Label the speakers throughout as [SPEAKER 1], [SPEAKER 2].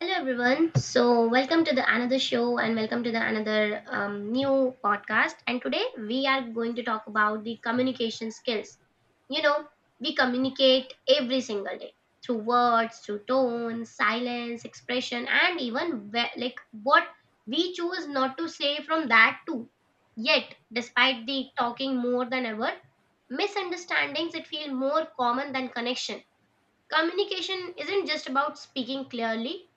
[SPEAKER 1] Hello everyone. So welcome to the another show and welcome to the another new podcast. And today we are going to talk about the communication skills. You know, we communicate every single day through words, through tone, silence, expression, and even where, like what we choose not to say from that too. Yet, despite the talking more than ever, misunderstandings it feel more common than connection. Communication isn't just about speaking clearly,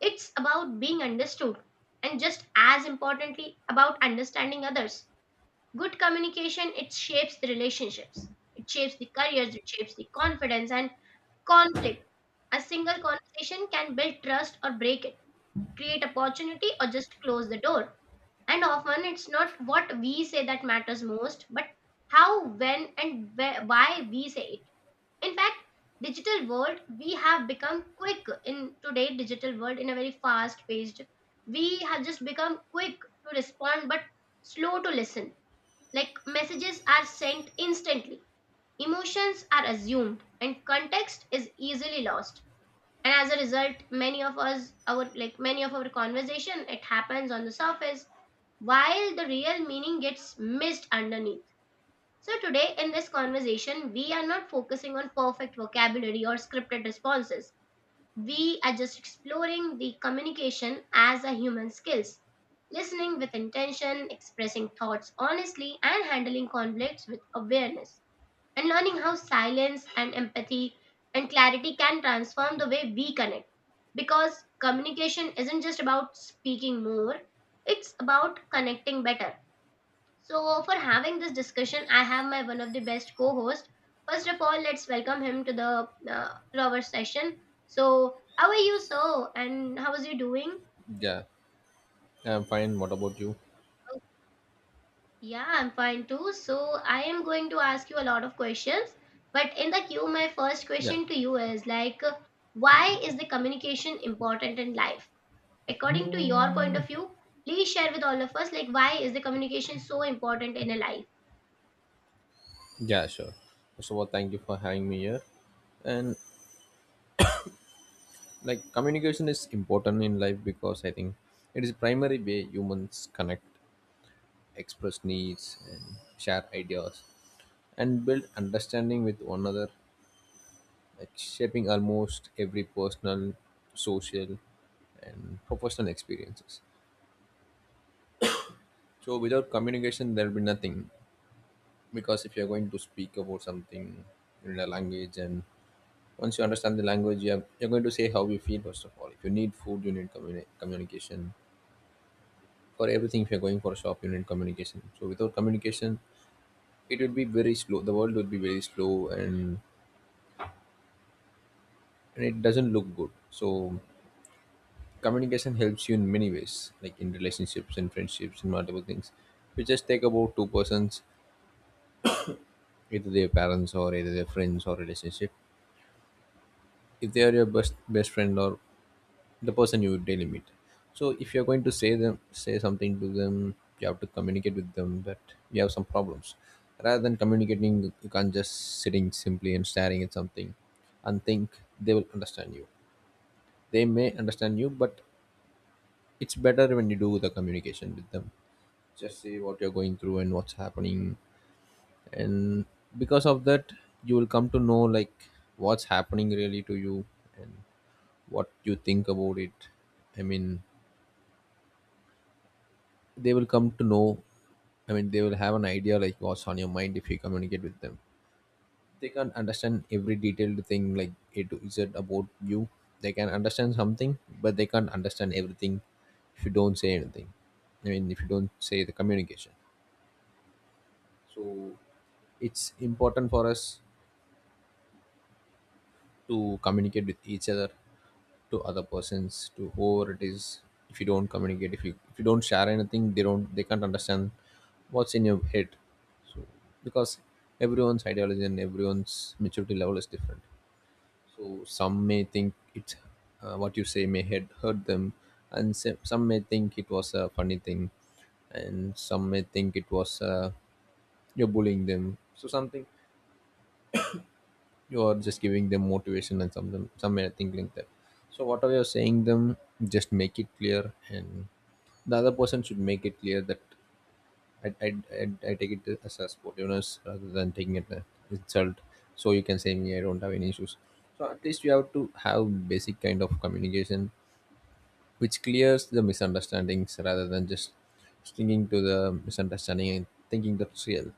[SPEAKER 1] it's about being understood and just as importantly about understanding others. Good communication it shapes the relationships. It shapes the careers, it shapes the confidence and conflict. A single conversation can build trust or break it, create opportunity or just close the door. And often it's not what we say that matters most, but how, when and where, why we say it. In fact, digital world we have become quick in today digital world in a very fast paced, we have just become quick to respond but slow to listen. Like messages are sent instantly, emotions are assumed and context is easily lost. And as a result, many of us our like many of our conversation it happens on the surface while the real meaning gets missed underneath. So today in this conversation, we are not focusing on perfect vocabulary or scripted responses. We are just exploring the communication as a human skills, listening with intention, expressing thoughts honestly, and handling conflicts with awareness, and learning how silence and empathy and clarity can transform the way we connect. Because communication isn't just about speaking more, it's about connecting better. So, for having this discussion, I have my one of the best co-host. First of all, let's welcome him to the to our session. So, how are you, sir? And how is you doing?
[SPEAKER 2] Yeah, Yeah, I'm fine. What about you?
[SPEAKER 1] Oh, yeah, I'm fine too. So, I am going to ask you a lot of questions. But in the queue, my first
[SPEAKER 2] Yeah,
[SPEAKER 1] question to you is why is the communication important in life? According to your point of view, please share with all of us like why is the communication so important in a life?
[SPEAKER 2] yeah, sure. First of all, thank you for having me here. And like, communication is important in life because I think it is primary way humans connect, express needs, and share ideas, and build understanding with one another, like shaping almost every personal, social, and professional experiences. So without communication, there will be nothing, because if you are going to speak about something in a language and once you understand the language, you're going to say how you feel. First of all, if you need food, you need communication for everything. If you're going for a shop, you need communication. So without communication, it would be very slow, the world would be very slow, and it doesn't look good. So communication helps you in many ways, like in relationships and friendships and multiple things. If you just take about two persons, either their parents or either their friends or relationship, if they are your best friend or the person you daily meet, so if you're going to say them, say something to them, you have to communicate with them that you have some problems. Rather than communicating, you can't just sitting simply and staring at something and think they will understand you. They may understand you, but it's better when you do the communication with them. Just say what you're going through and what's happening, and because of that you will come to know like what's happening really to you and what you think about it. I mean, they will come to know. I mean, they will have an idea like what's on your mind if you communicate with them. They can't understand every detailed thing like A to Z about you. They can understand something, but they can't understand everything if you don't say anything. I mean, if you don't say the communication. So it's important for us to communicate with each other, to other persons, to whoever it is. If you don't communicate, if you don't share anything, they can't understand what's in your head. So, because everyone's ideology and everyone's maturity level is different, so some may think it's, what you say may hurt them, and some may think it was a funny thing, and some may think it was, you're bullying them. So something you are just giving them motivation and something, some thing like that. So whatever you're saying them, just make it clear, and the other person should make it clear that i, I, I take it as a sportiveness rather than taking it as insult. So you can say me I don't have any issues. So at least you have to have basic kind of communication which clears the misunderstandings rather than just sticking to the misunderstanding and thinking that's real.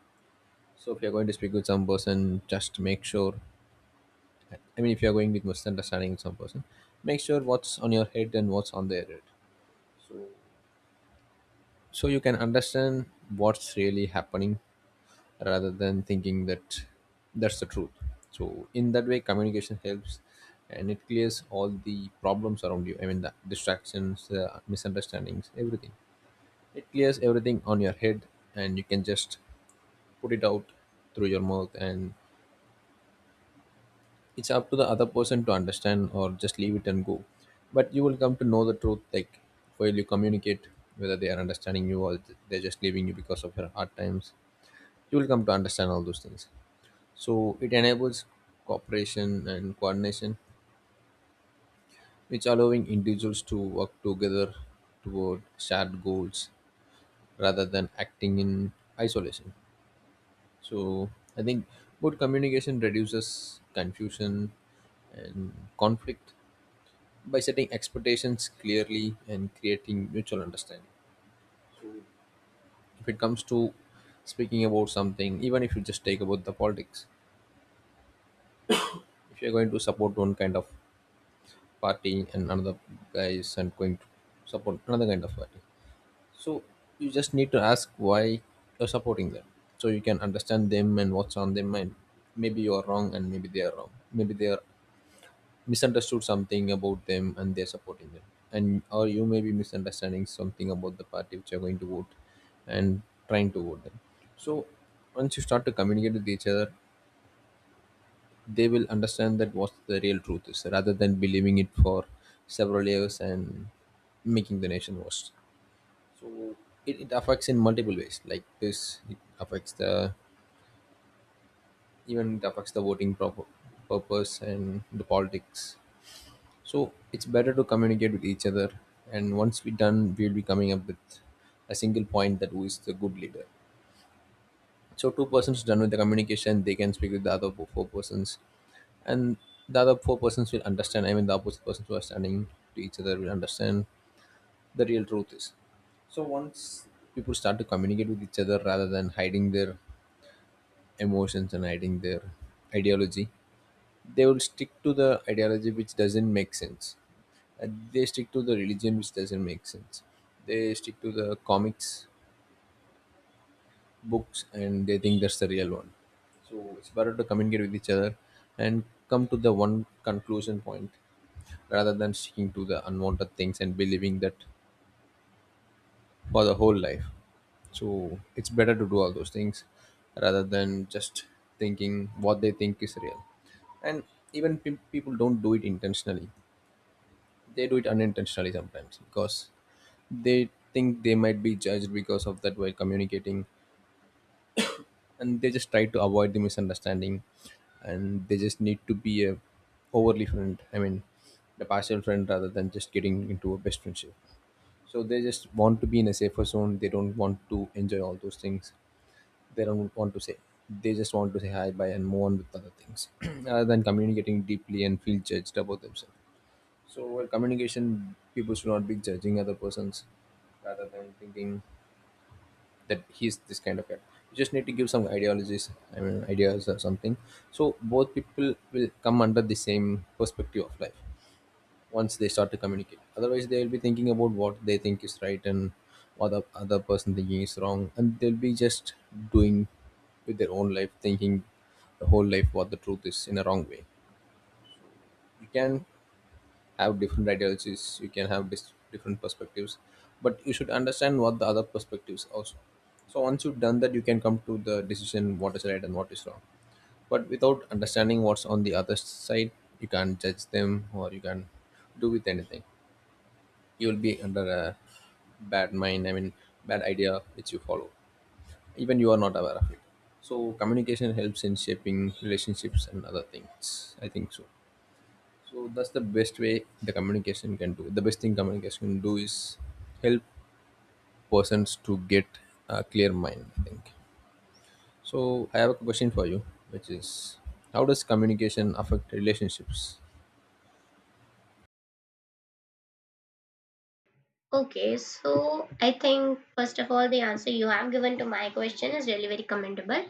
[SPEAKER 2] So if you're going to speak with some person, just make sure, I mean, if you are going with most understanding with some person, make sure what's on your head and what's on their head. So, so, you can understand what's really happening rather than thinking that that's the truth. So, in that way, communication helps and it clears all the problems around you. I mean, the distractions, the misunderstandings, everything. It clears everything on your head, and you can just put it out through your mouth, and it's up to the other person to understand or just leave it and go. But you will come to know the truth, like while you communicate whether they are understanding you or they're just leaving you because of your hard times. You will come to understand all those things. So it enables cooperation and coordination, which allowing individuals to work together toward shared goals rather than acting in isolation. So I think good communication reduces confusion and conflict by setting expectations clearly and creating mutual understanding. If it comes to speaking about something, even if you just take about the politics, if you're going to support one kind of party and another guy is and going to support another kind of party, so you just need to ask why you're supporting them, so you can understand them and what's on their mind. Maybe you're wrong and maybe they are wrong. Maybe they are misunderstood something about them and they're supporting them, and or you may be misunderstanding something about the party which you're going to vote and trying to vote them. So once you start to communicate with each other, they will understand that what the real truth is rather than believing it for several years and making the nation worse. So it affects in multiple ways like this. It affects the, even it affects the voting proper purpose and the politics. So it's better to communicate with each other. And once we're done, we'll be coming up with a single point that who is the good leader. So two persons done with the communication, they can speak with the other four persons, and the other four persons will understand. I mean, the opposite persons who are standing to each other will understand the real truth is. So once people start to communicate with each other rather than hiding their emotions and hiding their ideology, they will stick to the ideology which doesn't make sense. They stick to the religion, which doesn't make sense. They stick to the comics, books, and they think that's the real one. So it's better to communicate with each other and come to the one conclusion point rather than sticking to the unwanted things and believing that for the whole life. So it's better to do all those things rather than just thinking what they think is real. And even people don't do it intentionally; they do it unintentionally sometimes because they think they might be judged because of that while communicating, and they just try to avoid the misunderstanding, and they just need to be a overly friend, I mean the partial friend, rather than just getting into a best friendship. So they just want to be in a safer zone. They don't want to enjoy all those things. They don't want to say. They just want to say hi, bye and move on with other things rather than communicating deeply and feel judged about themselves. So while communication, people should not be judging other persons rather than thinking that he's this kind of guy. You just need to give some ideologies, I mean, ideas or something. So both people will come under the same perspective of life once they start to communicate. Otherwise, they will be thinking about what they think is right and what the other person thinking is wrong, and they'll be just doing with their own life, thinking the whole life what the truth is in a wrong way. You can have different ideologies, you can have different perspectives, but you should understand what the other perspectives also. So once you've done that, you can come to the decision what is right and what is wrong. But without understanding what's on the other side, you can't judge them or you can do with anything. You will be under a bad mind, I mean bad idea, which you follow even you are not aware of it. So communication helps in shaping relationships and other things, I think so. So that's the best way the communication can do. The best thing communication can do is help persons to get a clear mind, I think. So I have a question for you, which is how does communication affect relationships?
[SPEAKER 1] Okay, so I think first of all, the answer you have given to my question is really very commendable.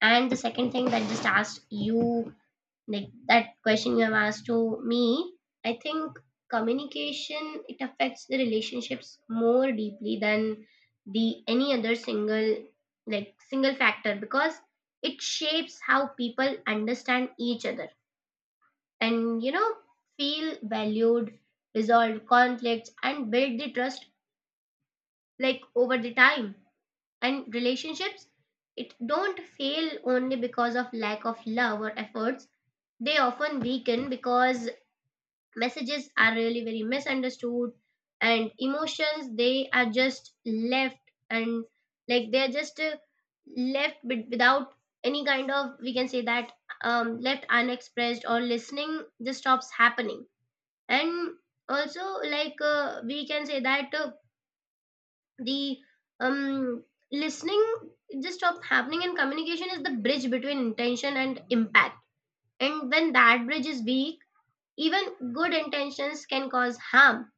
[SPEAKER 1] And the second thing that just asked you, like that question you have asked to me, I think communication it affects the relationships more deeply than the any other single like single factor because it shapes how people understand each other and, you know, feel valued, resolve conflicts, and build the trust like over the time. And relationships it don't fail only because of lack of love or efforts. They often weaken because messages are really very misunderstood and emotions they are just left and like they are just left without any kind of we can say that left unexpressed or listening just stops happening. And also like we can say that the um listening just stop happening, and communication is the bridge between intention and impact. And when that bridge is weak, even good intentions can cause harm.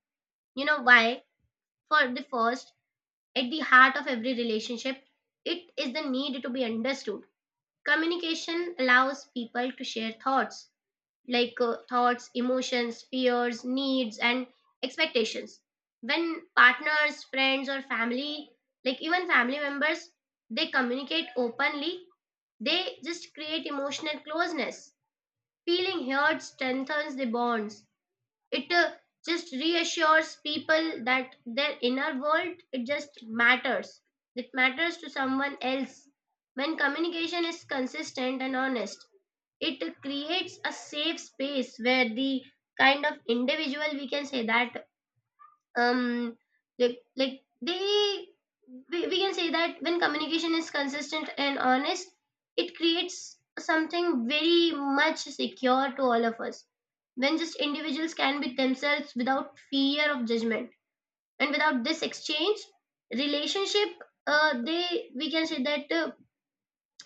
[SPEAKER 1] You know why? For the first, at the heart of every relationship it is the need to be understood. Communication allows people to share thoughts, thoughts, emotions, fears, needs, and expectations. When partners, friends, or family, like even family members, they communicate openly, they just create emotional closeness. Feeling heard strengthens the bonds. It just reassures people that their inner world it just matters. It matters to someone else. When communication is consistent and honest, it creates a safe space where the kind of individual we can say that um like like they we can say that when communication is consistent and honest, it creates something very much secure to all of us, when just individuals can be themselves without fear of judgment. And without this exchange, relationship they we can say that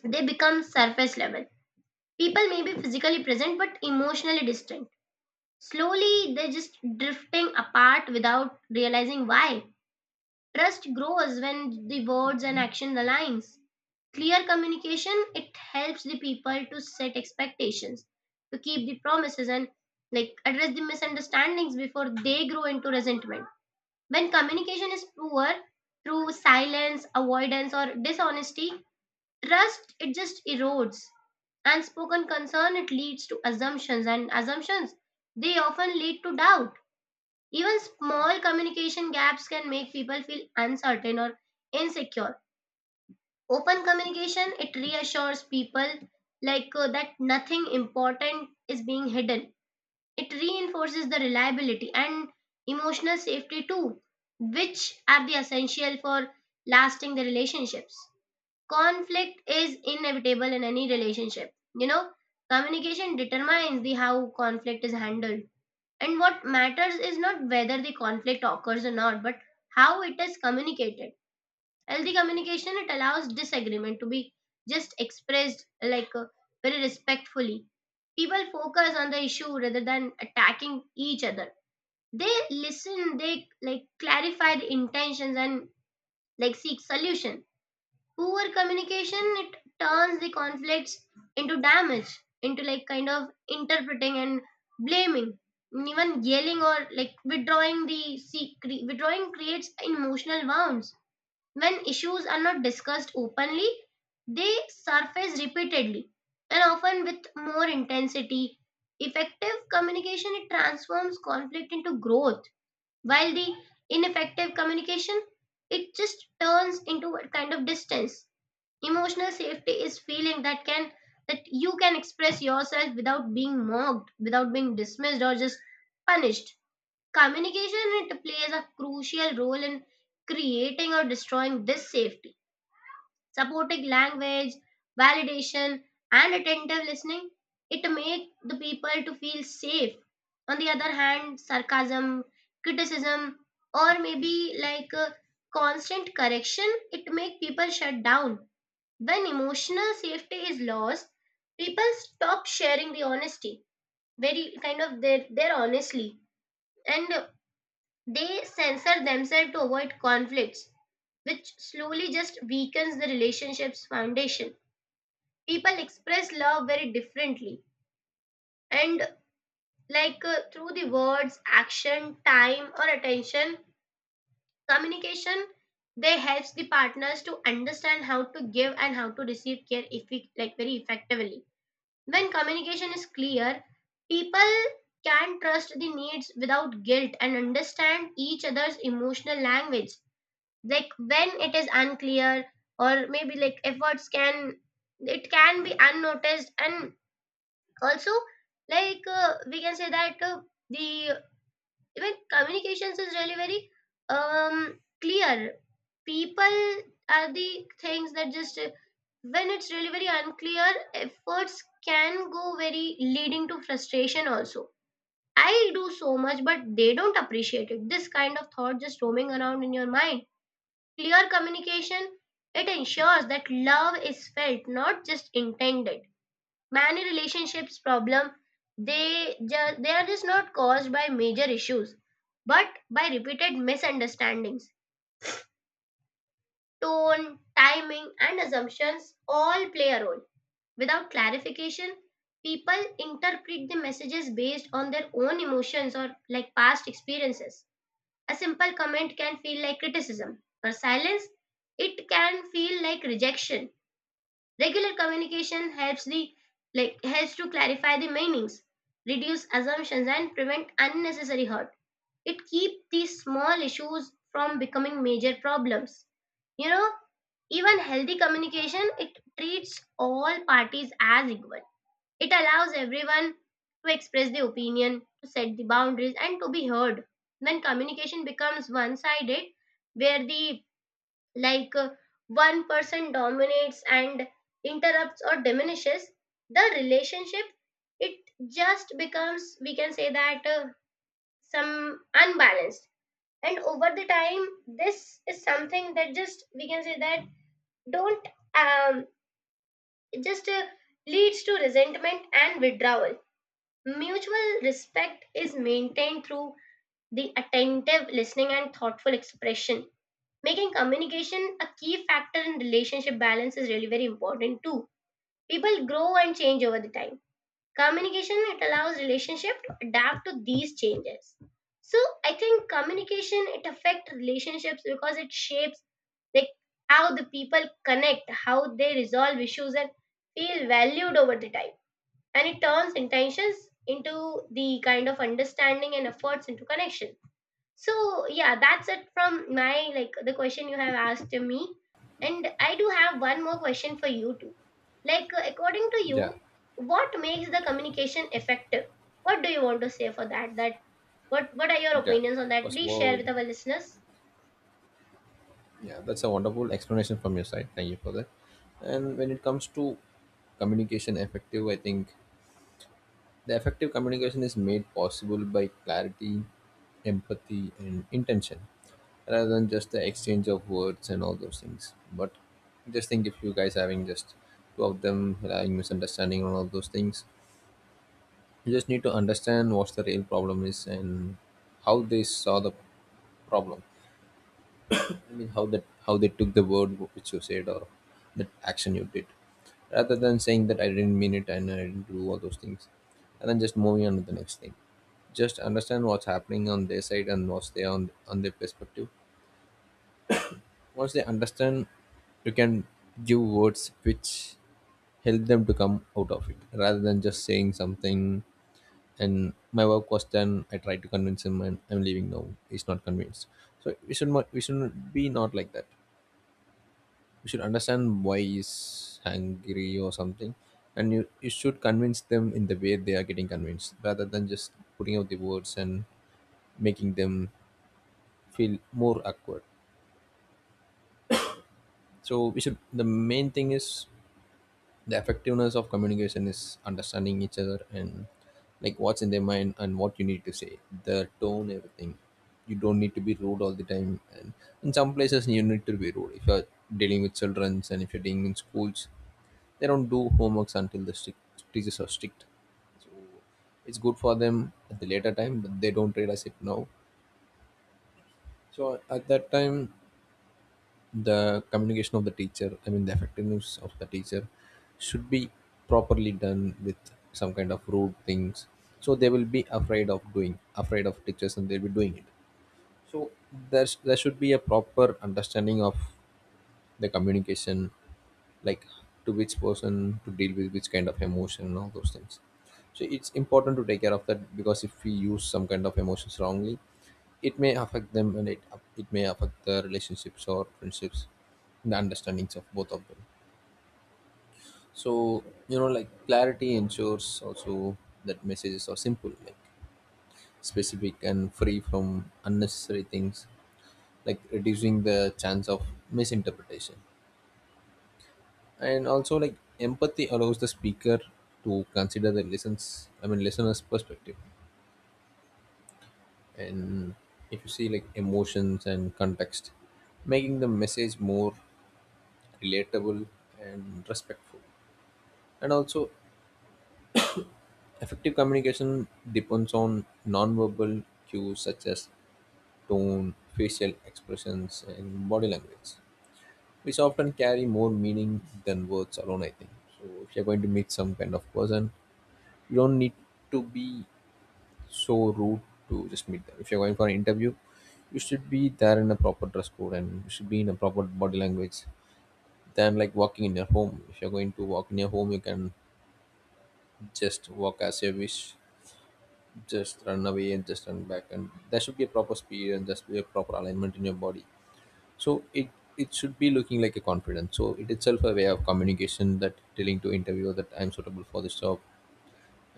[SPEAKER 1] they become surface level. People may be physically present but emotionally distant, slowly they're just drifting apart without realizing why. Trust grows when the words and action aligns. Clear communication it helps the people to set expectations, to keep the promises and like address the misunderstandings before they grow into resentment. When communication is poor through silence, avoidance or dishonesty, trust it just erodes. Unspoken concern it leads to assumptions, and assumptions they often lead to doubt. Even small communication gaps can make people feel uncertain or insecure. Open communication it reassures people, that nothing important is being hidden. It reinforces the reliability and emotional safety too, which are the essential for lasting the relationships. Conflict is inevitable in any relationship. You know, communication determines the how conflict is handled. And what matters is not whether the conflict occurs or not, but how it is communicated. Healthy communication it allows disagreement to be just expressed very respectfully. People focus on the issue rather than attacking each other. They listen, they like clarify the intentions and like seek solution. Poor communication, it turns the conflicts into damage, into like kind of interpreting and blaming, and even yelling or like withdrawing the withdrawing creates emotional wounds. When issues are not discussed openly, they surface repeatedly and often with more intensity. Effective communication it transforms conflict into growth, while the ineffective communication it just turns into a kind of distance. Emotional safety is feeling that can that you can express yourself without being mocked, without being dismissed or just punished. Communication it plays a crucial role in creating or destroying this safety. Supporting language, validation, and attentive listening it make the people to feel safe. On the other hand, sarcasm, criticism, or maybe like constant correction it make people shut down. When emotional safety is lost, people stop sharing the honesty, very kind of their honestly, and they censor themselves to avoid conflicts, which slowly just weakens the relationship's foundation. People express love very differently, and through the words, action, time, or attention, communication, they helps the partners to understand how to give and how to receive care, if like very effectively. When communication is clear, people can trust the needs without guilt and understand each other's emotional language. Like when it is unclear, or maybe like efforts can, it can be unnoticed, and also like we can say that the even communications is really very clear, people are the things that just when it's really very unclear, efforts can go very leading to frustration also. I do so much but they don't appreciate it, this kind of thought just roaming around in your mind. Clear communication it ensures that love is felt, not just intended. Many relationships problem they just they are just not caused by major issues but by repeated misunderstandings. Tone, timing and assumptions all play a role. Without clarification, people interpret the messages based on their own emotions or like past experiences. A simple comment can feel like criticism, or silence, it can feel like rejection. Regular communication helps the like helps to clarify the meanings, reduce assumptions and prevent unnecessary hurt. It keeps these small issues from becoming major problems. You know, even healthy communication it treats all parties as equal. It allows everyone to express their opinion, to set the boundaries and to be heard. When communication becomes one-sided where the like uh, one person dominates and interrupts or diminishes the relationship, it just becomes we can say that some unbalanced. And over the time this is something that just we can say that don't um it just leads to resentment and withdrawal. Mutual respect is maintained through the attentive listening and thoughtful expression, making communication a key factor in relationship balance is really very important too. People grow and change over the time, communication it allows relationship to adapt to these changes. So I think communication it affects relationships because it shapes like how the people connect, how they resolve issues and feel valued over the time. And it turns intentions into the kind of understanding and efforts into connection. So yeah, that's it from my like the question you have asked to me, and I do have one more question for you too. According to you,
[SPEAKER 2] Yeah,
[SPEAKER 1] what makes the communication effective? What do you want to say for that, that what are your
[SPEAKER 2] yeah.
[SPEAKER 1] opinions on that?
[SPEAKER 2] First of
[SPEAKER 1] Please share
[SPEAKER 2] all,
[SPEAKER 1] with our listeners.
[SPEAKER 2] yeah, that's a wonderful explanation from your side. Thank you for that. And when it comes to communication effective, I think the effective communication is made possible by clarity, empathy, and intention rather than just the exchange of words and all those things. But just think if you guys having just two of them having misunderstanding and all those things, you just need to understand what's the real problem is and how they saw the problem. I mean, how that how they took the word which you said or that action you did, rather than saying that I didn't mean it and I didn't do all those things, and then just moving on to the next thing. Just understand what's happening on their side and what's there on their perspective. Once they understand, you can give words which help them to come out of it, rather than just saying something. And my work was done. I tried to convince him, and I'm leaving now. He's not convinced. So we should not be not like that. You should understand why he's hungry or something, and you should convince them in the way they are getting convinced, rather than just putting out the words and making them feel more awkward. So we should the main thing is the effectiveness of communication is understanding each other, and like what's in their mind and what you need to say, the tone, everything. You don't need to be rude all the time, and in some places you need to be rude if you're dealing with children and if you're dealing in schools. They don't do homeworks until teachers are strict. It's good for them at the later time, but they don't realize it now. So at that time, the communication of the teacher, I mean the effectiveness of the teacher, should be properly done with some kind of rude things. So they will be afraid of doing, afraid of teachers, and they'll be doing it. So there should be a proper understanding of the communication, like to which person to deal with which kind of emotion and all those things. So it's important to take care of that, because if we use some kind of emotions wrongly, it may affect them, and it may affect the relationships or friendships, the understandings of both of them. So you know, like, clarity ensures also that messages are simple, like specific and free from unnecessary things, like reducing the chance of misinterpretation. And also like empathy allows the speaker to consider the listens I mean listener's perspective. And if you see like emotions and context making the message more relatable and respectful. And also effective communication depends on non-verbal cues such as tone, facial expressions, and body language, which often carry more meaning than words alone, I think. So if you're going to meet some kind of person, you don't need to be so rude to just meet them. If you're going for an interview, you should be there in a proper dress code and you should be in a proper body language, than like walking in your home. If you're going to walk in your home, you can just walk as you wish, just run away and just run back. And there should be a proper speed and just be a proper alignment in your body. So it should be looking like a confidence. So it itself a way of communication, that telling to interviewer that I'm suitable for this job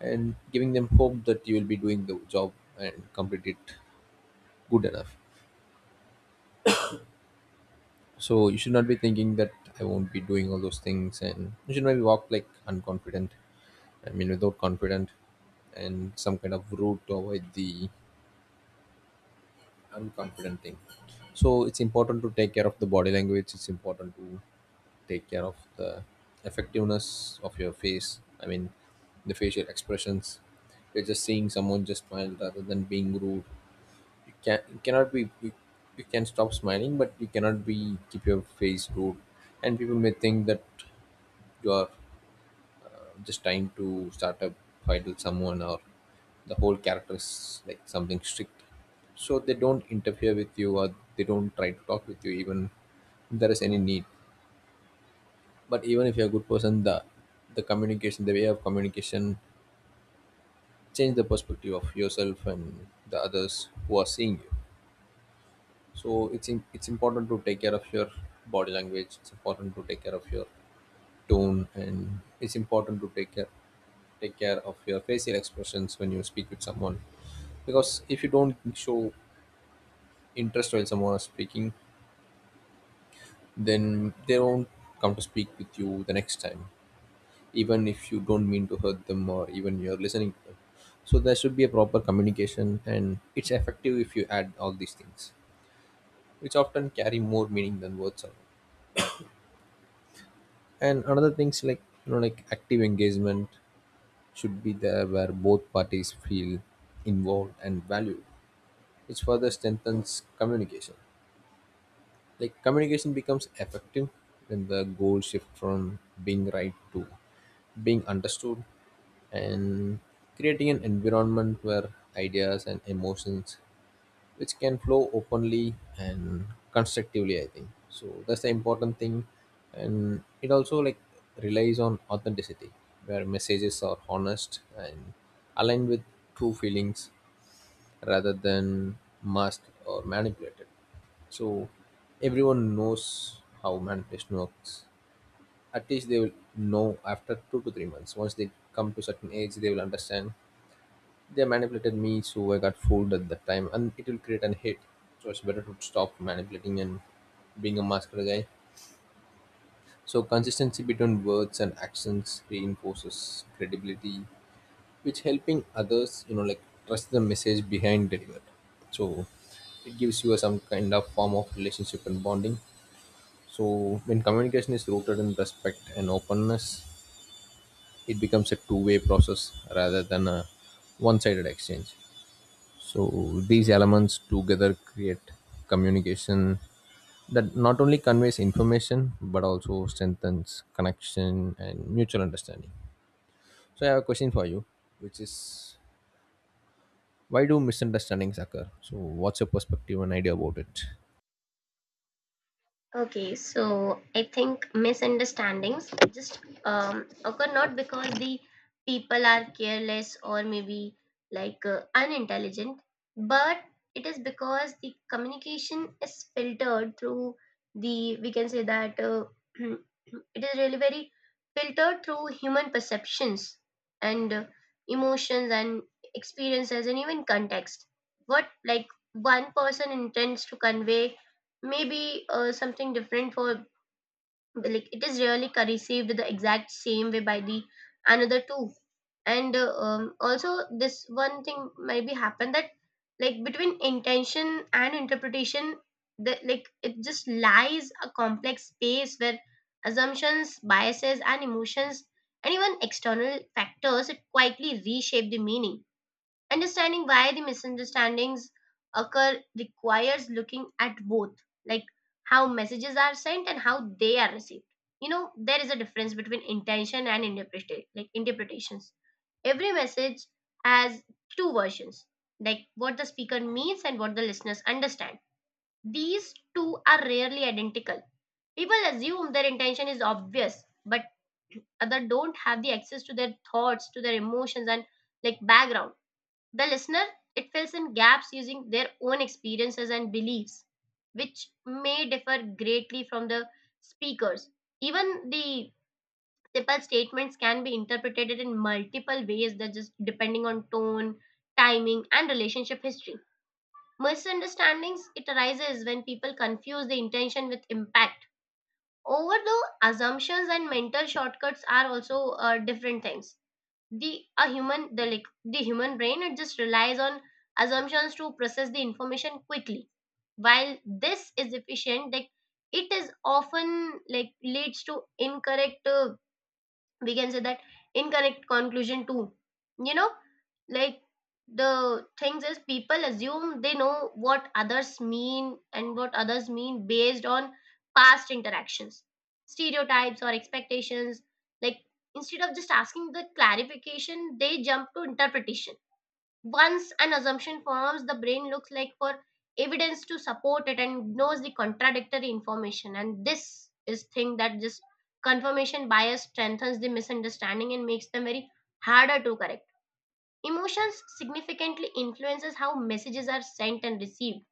[SPEAKER 2] and giving them hope that you will be doing the job and complete it good enough. So you should not be thinking that I won't be doing all those things, and you should not be walk like unconfident. I mean, without confident, and some kind of route to avoid the unconfident thing. So it's important to take care of the body language. It's important to take care of the effectiveness of your face, I mean the facial expressions. You're just seeing someone, just smile rather than being rude. you can you cannot be you, you can stop smiling, but you cannot be keep your face rude. And people may think that you are just trying to start a fight with someone, or the whole character is like something strict, so they don't interfere with you or they don't try to talk with you, even if there is any need. But even if you're a good person, the communication, the way of communication, change the perspective of yourself and the others who are seeing you. So it's important to take care of your body language, it's important to take care of your tone, and it's important to take care of your facial expressions when you speak with someone. Because if you don't show interest while someone is speaking, then they won't come to speak with you the next time, even if you don't mean to hurt them or even you're listening to them. So there should be a proper communication, and it's effective if you add all these things, which often carry more meaning than words alone. And another thing's like, like active engagement should be there, where both parties feel involved and valued, which further strengthens communication. Like communication becomes effective when the goals shift from being right to being understood, and creating an environment where ideas and emotions which can flow openly and constructively, I think, so that's the important thing. And it also like relies on authenticity, where messages are honest and aligned with true feelings rather than masked or manipulated. So everyone knows how manipulation works. At least they will know after 2 to 3 months. Once they come to certain age, they will understand they manipulated me, so I got fooled at that time, and it will create an hit. So it's better to stop manipulating and being a master guy. So consistency between words and actions reinforces credibility, which helping others, like trust the message behind delivered. So it gives you some kind of form of relationship and bonding. So when communication is rooted in respect and openness, it becomes a two-way process rather than a one-sided exchange. So these elements together create communication that not only conveys information but also strengthens connection and mutual understanding. So I have a question for you, which is, why do misunderstandings occur? So what's your perspective and idea about it?
[SPEAKER 1] Okay, so I think misunderstandings just occur not because the people are careless or maybe like unintelligent, but it is because the communication is filtered through the, we can say that it is really very filtered through human perceptions and emotions and experiences and even context. What like one person intends to convey maybe something different for like it is really received the exact same way by the another two, and also this one thing maybe happen that like between intention and interpretation the like it just lies a complex space where assumptions biases and emotions and even external factors it quietly reshape the meaning. Understanding why the misunderstandings occur requires looking at both, like how messages are sent and how they are received. You know, there is a difference between intention and interpretation, like interpretations. Every message has two versions, like what the speaker means and what the listeners understand. These two are rarely identical. People assume their intention is obvious, but other don't have the access to their thoughts, to their emotions, and like background the listener, it fills in gaps using their own experiences and beliefs, which may differ greatly from the speakers. Even the simple statements can be interpreted in multiple ways that just depending on tone, timing, and relationship history. Misunderstandings it arises when people confuse the intention with impact. Over the assumptions and mental shortcuts are also different things the a human the like the human brain it just relies on assumptions to process the information quickly. While this is efficient, like it is often like leads to incorrect we can say that incorrect conclusion too, you know, like the things is people assume they know what others mean and what others mean based on past interactions, stereotypes or expectations, like instead of just asking the clarification they jump to interpretation. Once an assumption forms, the brain looks like for evidence to support it and ignores the contradictory information. And this is thing that just confirmation bias strengthens the misunderstanding and makes them very harder to correct. Emotions significantly influences how messages are sent and received.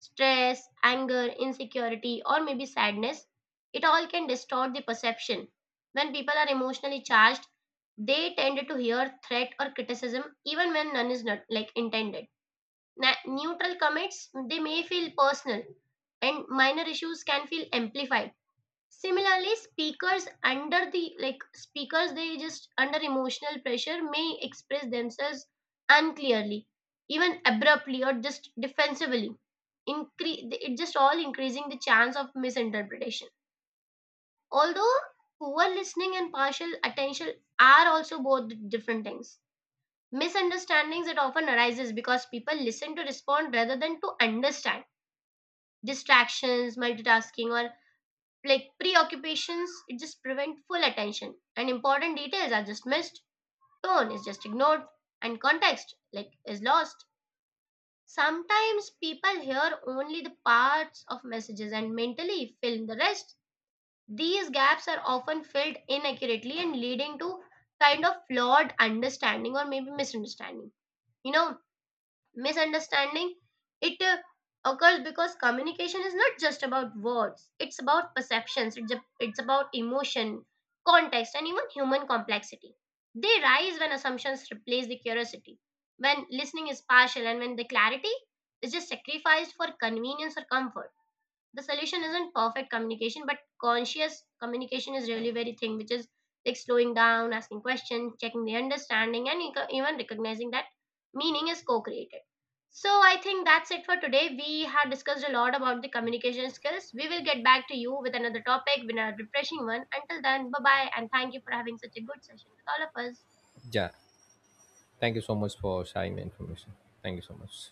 [SPEAKER 1] Stress, anger, insecurity, or maybe sadness, it all can distort the perception. When people are emotionally charged, they tend to hear threat or criticism even when none is not like intended. Neutral comments they may feel personal and minor issues can feel amplified. Similarly speakers under the like speakers they just under emotional pressure may express themselves unclearly, even abruptly or just defensively. It just all increasing the chance of misinterpretation. Although poor listening and partial attention are also both different things, misunderstandings that often arises because people listen to respond rather than to understand. Distractions multitasking or like preoccupations it just prevent full attention and important details are just missed, tone is just ignored, and context like is lost. Sometimes people hear only the parts of messages and mentally fill in the rest, these gaps are often filled inaccurately and leading to kind of flawed understanding or maybe misunderstanding, you know. Misunderstanding it occurs because communication is not just about words, it's about perceptions, it's about emotion, context and even human complexity. They rise when assumptions replace the curiosity, when listening is partial and when the clarity is just sacrificed for convenience or comfort. The solution isn't perfect communication but conscious communication is really very thing which is like slowing down, asking questions, checking the understanding and even recognizing that meaning is co-created. So I think that's it for today. We had discussed a lot about the communication skills. We will get back to you with another topic with a refreshing one. Until then, bye bye, and thank you for having such a good session with all of us.
[SPEAKER 2] Yeah. Thank you so much for sharing the information. Thank you so much.